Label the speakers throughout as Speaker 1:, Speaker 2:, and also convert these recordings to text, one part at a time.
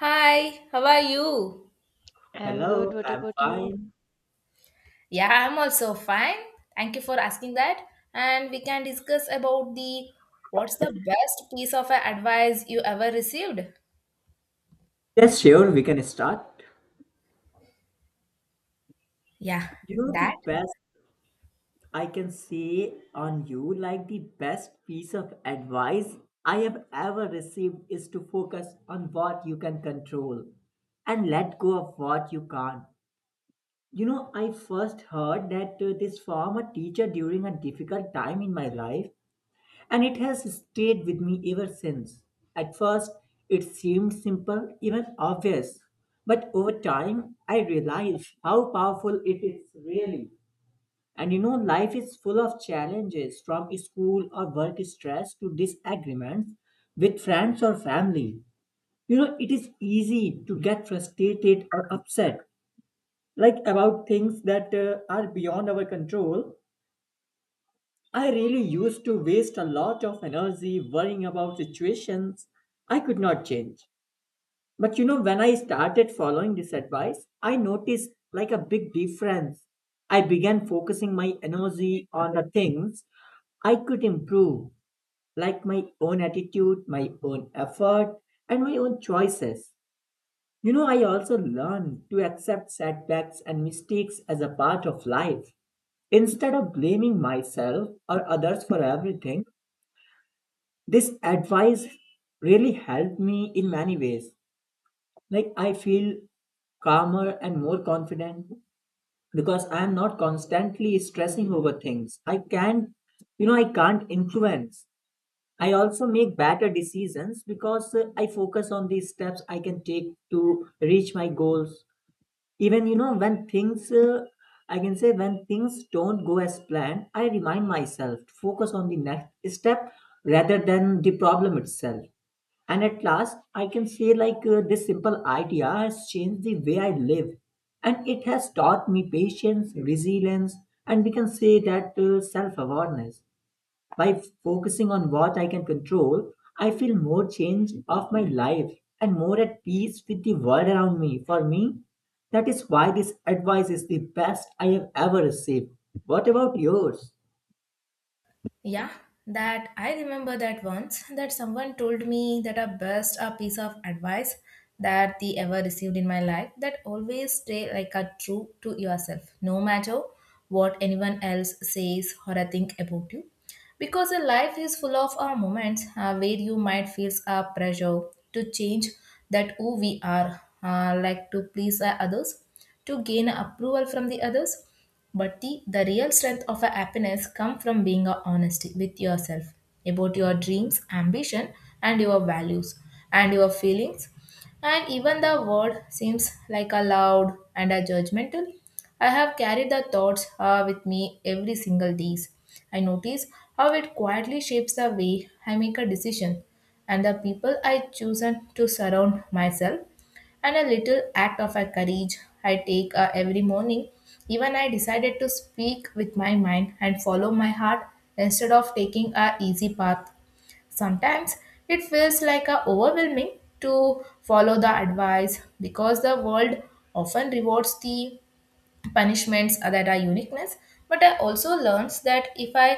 Speaker 1: Hi, how are you?
Speaker 2: I'm good.
Speaker 3: Hello,
Speaker 2: What
Speaker 3: I'm
Speaker 2: about you?
Speaker 3: fine.
Speaker 1: Yeah, I'm also fine. Thank you for asking that. And we can discuss about the what's the best piece of advice you ever received?
Speaker 3: Yes, sure, we can start.
Speaker 1: Yeah,
Speaker 3: The
Speaker 1: that
Speaker 3: best I can say on you, like the best piece of advice I have ever received is to focus on what you can control and let go of what you can't. You know, I first heard that this from a teacher during a difficult time in my life and it has stayed with me ever since. At first, it seemed simple, even obvious, but over time, I realized how powerful it is really. And you know, life is full of challenges from school or work stress to disagreements with friends or family. You know, it is easy to get frustrated or upset, like about things that are beyond our control. I really used to waste a lot of energy worrying about situations I could not change. But you know, when I started following this advice, I noticed like a big difference. I began focusing my energy on the things I could improve, like my own attitude, my own effort, and my own choices. You know, I also learned to accept setbacks and mistakes as a part of life. Instead of blaming myself or others for everything, this advice really helped me in many ways, like I feel calmer and more confident because I am not constantly stressing over things I can't I can't influence. I also make better decisions because I focus on these steps I can take to reach my goals. Even you know when things I can say, when things don't go as planned, I remind myself to focus on the next step rather than the problem itself. And at last, I can say like this simple idea has changed the way I live, and it has taught me patience, resilience, and we can say that self-awareness. By focusing on what I can control, I feel more change of my life and more at peace with the world around me. For me, that is why this advice is the best I have ever received. What about yours?
Speaker 1: Yeah, that I remember that once that someone told me that a piece of advice that they ever received in my life that always stay like a true to yourself, no matter what anyone else says or a think about you. Because a life is full of moments where you might feel a pressure to change that who we are, like to please others, to gain approval from the others, but the real strength of a happiness comes from being a honesty with yourself about your dreams, ambition, and your values and your feelings. And even the world seems like a loud and a judgmental. I have carried the thoughts with me every single days. I notice how it quietly shapes the way I make a decision and the people I chosen to surround myself and a little act of a courage I take every morning. Even I decided to speak with my mind and follow my heart instead of taking a easy path. Sometimes it feels like a overwhelming to follow the advice because the world often rewards the punishments that are uniqueness, but I also learned that if I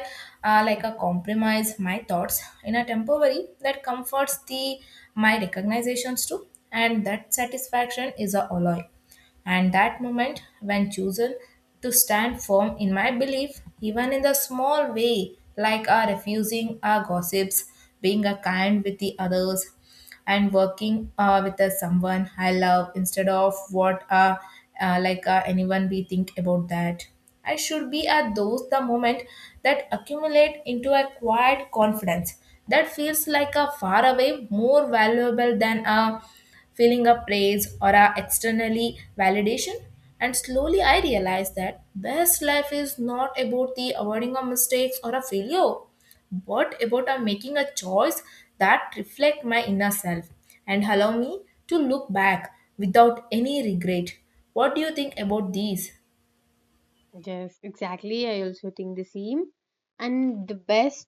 Speaker 1: like a compromise my thoughts in a temporary that comforts the my recognizations too, and that satisfaction is a alloy and that moment when chosen to stand firm in my belief, even in the small way, like our refusing our gossips, being a kind with the others, and working with a someone I love instead of what like anyone we think about that. I should be at those the moment that accumulate into a quiet confidence that feels like a far away more valuable than a feeling of praise or a externally validation, and slowly I realized that best life is not about the avoiding of mistakes or a failure, but about a making a choice that reflect my inner self and allow me to look back without any regret. What do you think about these?
Speaker 2: Yes, exactly. I also think the same. And the best,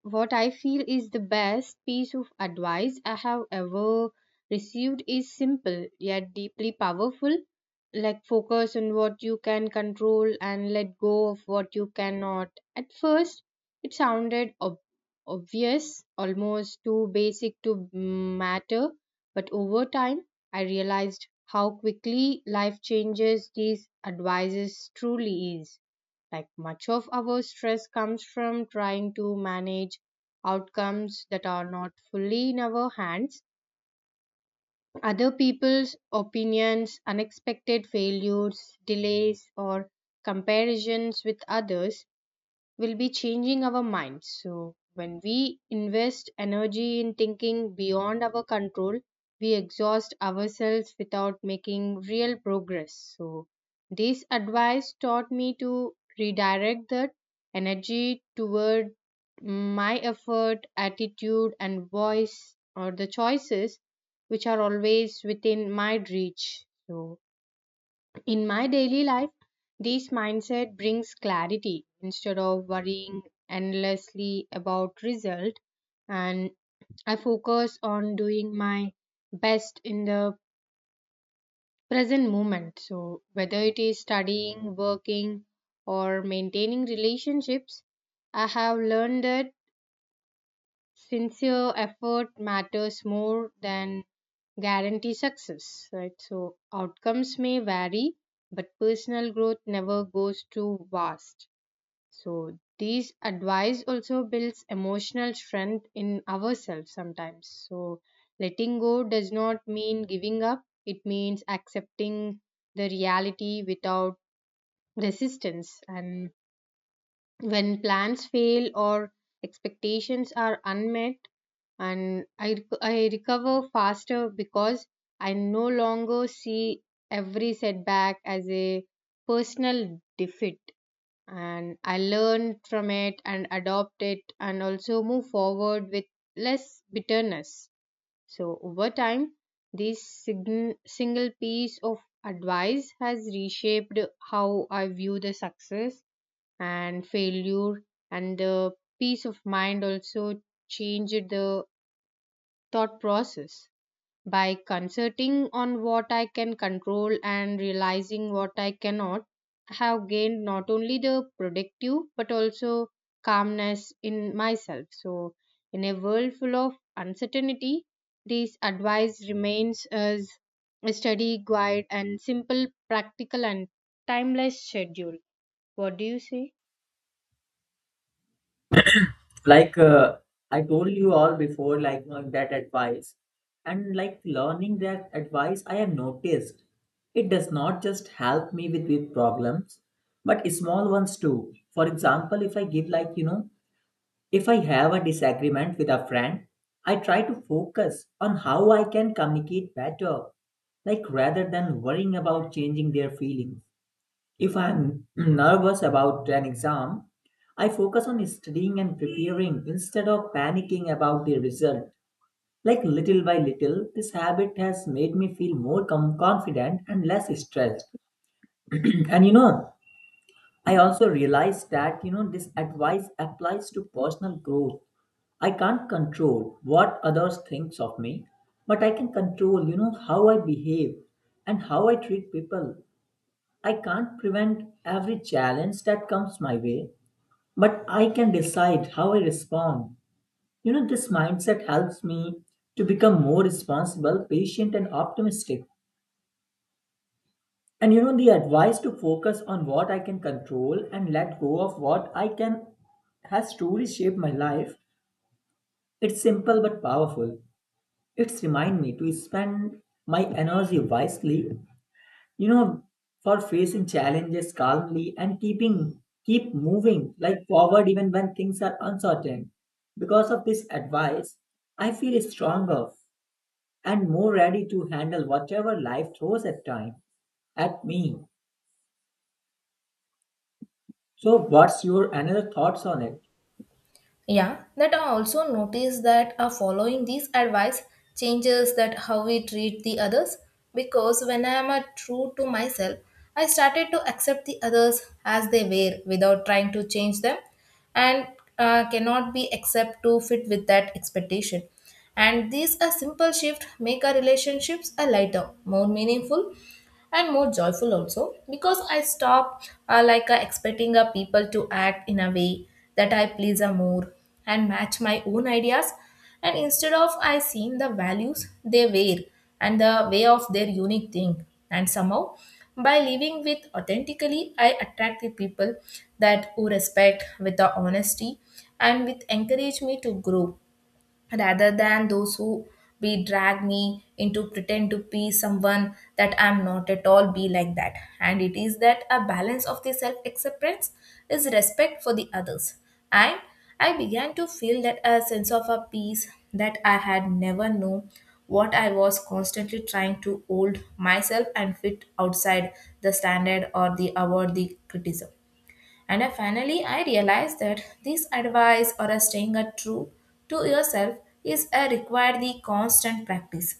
Speaker 2: what I feel is the best piece of advice I have ever received, is simple yet deeply powerful. Like, focus on what you can control and let go of what you cannot. At first, it sounded obvious, almost too basic to matter, but over time, I realized how quickly life changes these advices truly is. Like, much of our stress comes from trying to manage outcomes that are not fully in our hands. Other people's opinions, unexpected failures, delays, or comparisons with others will be changing our minds. So when we invest energy in thinking beyond our control, we exhaust ourselves without making real progress. So this advice taught me to redirect that energy toward my effort, attitude, and voice, or the choices which are always within my reach. So, in my daily life, this mindset brings clarity. Instead of worrying endlessly about result, and I focus on doing my best in the present moment. So whether it is studying, working, or maintaining relationships, I have learned that sincere effort matters more than guarantee success, right? So outcomes may vary, but personal growth never goes too vast. So these advice also builds emotional strength in ourselves sometimes. So letting go does not mean giving up. It means accepting the reality without resistance, and when plans fail or expectations are unmet, and I recover faster because I no longer see every setback as a personal defeat. And I learn from it and adopt it and also move forward with less bitterness. So, over time, this single piece of advice has reshaped how I view the success and failure, and the peace of mind also changed the thought process. By concentrating on what I can control and realizing what I cannot, I have gained not only the productive but also calmness in myself. So in a world full of uncertainty, this advice remains as a steady guide, and simple, practical, and timeless schedule. What do you say?
Speaker 3: Like I told you all before, like knowing that advice and like learning that advice, I have noticed it does not just help me with big problems but small ones too. For example, if I give like you know, if I have a disagreement with a friend, I try to focus on how I can communicate better, like rather than worrying about changing their feelings. If I'm nervous about an exam, I focus on studying and preparing instead of panicking about the result. Like little by little, this habit has made me feel confident and less stressed. And you know, I also realized that you know this advice applies to personal growth. I can't control what others thinks of me, but I can control, you know, how I behave and how I treat people. I can't prevent every challenge that comes my way, but I can decide how I respond. You know, this mindset helps me to become more responsible, patient, and optimistic. And you know, the advice to focus on what I can control and let go of what I can has truly shaped my life. It's simple but powerful. It's remind me to spend my energy wisely, you know, for facing challenges calmly and keep moving like forward even when things are uncertain. Because of this advice, I feel stronger and more ready to handle whatever life throws at time at me. So what's your another thoughts on it?
Speaker 1: Yeah, that I also notice that following these advice changes that how we treat the others, because when I am true to myself, I started to accept the others as they were without trying to change them, and cannot be accept to fit with that expectation. And these a simple shift make our relationships a lighter, more meaningful and more joyful also, because I stop like expecting people to act in a way that I please more and match my own ideas, and instead of I seen the values they wear and the way of their unique thing, and somehow by living with authentically I attract the people that who respect with the honesty and with encourage me to grow rather than those who be drag me into pretend to be someone that I'm not at all be like that. And it is that a balance of the self acceptance is respect for the others. And I began to feel that a sense of a peace that I had never known what I was constantly trying to hold myself and fit outside the standard or the award the criticism. And I finally I realized that this advice or a staying a true to yourself is a require the constant practice,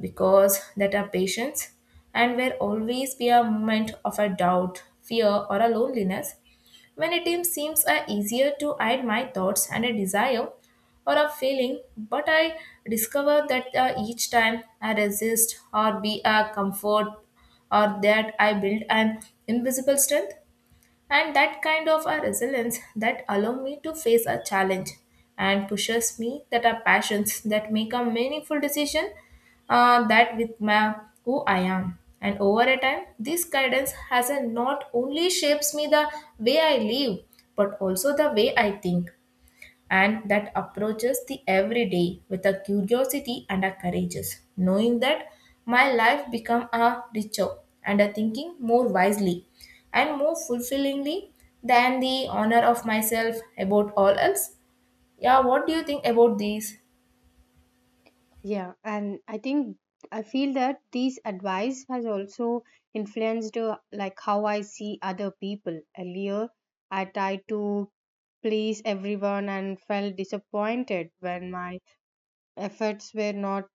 Speaker 1: because that our patience and will always be a moment of a doubt, fear or a loneliness when seems easier to hide my thoughts and a desire or a feeling, but I discover that each time I resist or be a comfort or that I build an invisible strength, and that kind of a resilience that allow me to face a challenge and pushes me that are passions that make a meaningful decision that with my who I am, and over a time this guidance has a not only shapes me the way I live but also the way I think, and that approaches the everyday with a curiosity and a courageous, knowing that my life become a richer and a thinking more wisely and more fulfillingly than the honor of myself about all else. Yeah, what do you think about these?
Speaker 2: Yeah, and I think I feel that these advice has also influenced like, how I see other people. Earlier, I tried to please everyone and felt disappointed when my efforts were not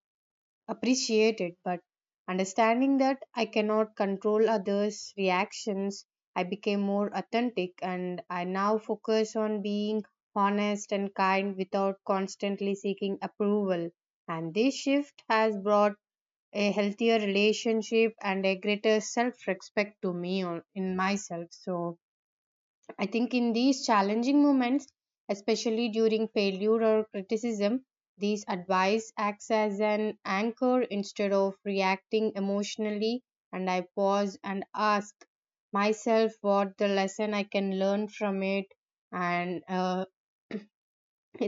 Speaker 2: appreciate it, but understanding that I cannot control others' reactions, I became more authentic, and I now focus on being honest and kind without constantly seeking approval. And this shift has brought a healthier relationship and a greater self respect to me or in myself. So I think in these challenging moments, especially during failure or criticism, these advice acts as an anchor. Instead of reacting emotionally, and I pause and ask myself what the lesson I can learn from it, and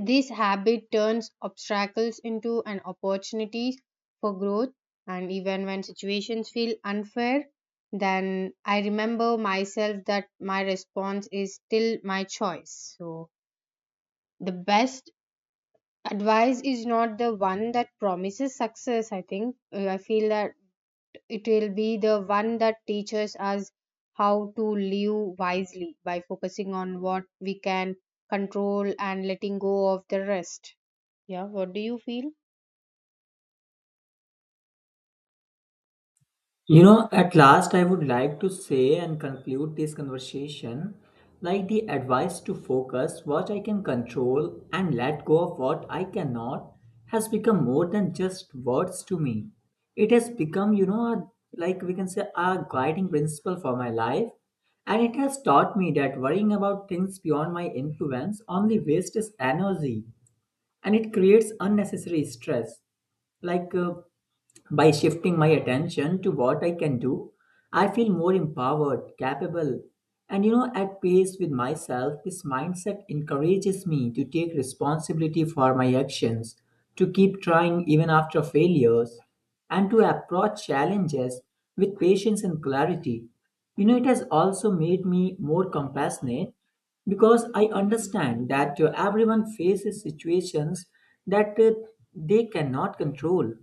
Speaker 2: this habit turns obstacles into an opportunity for growth, and even when situations feel unfair, then I remember myself that my response is still my choice. So the best advice is not the one that promises success, I think. I feel that it will be the one that teaches us how to live wisely by focusing on what we can control and letting go of the rest. Yeah, what do you feel?
Speaker 3: You know, at last, I would like to say and conclude this conversation, like the advice to focus what I can control and let go of what I cannot has become more than just words to me. It has become, you know, a- like we can say, a guiding principle for my life. And it has taught me that worrying about things beyond my influence only wastes energy and it creates unnecessary stress, like by shifting my attention to what I can do, I feel more empowered, capable, and you know, at peace with myself. This mindset encourages me to take responsibility for my actions, to keep trying even after failures, and to approach challenges with patience and clarity. You know, it has also made me more compassionate because I understand that everyone faces situations that they cannot control,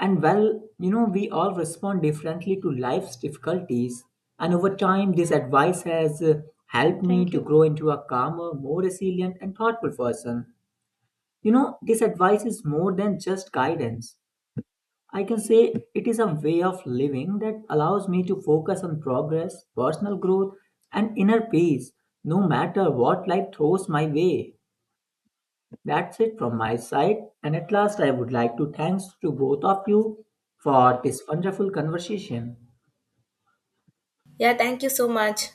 Speaker 3: and well, you know, we all respond differently to life's difficulties. And over time, this advice has helped me
Speaker 2: Thank
Speaker 3: to
Speaker 2: you.
Speaker 3: grow into a calmer, more resilient, and thoughtful person. You know, this advice is more than just guidance. I can say it is a way of living that allows me to focus on progress, personal growth, and inner peace, no matter what life throws my way. That's it from my side. And at last, I would like to thanks to both of you for this wonderful conversation.
Speaker 1: Yeah, thank you so much.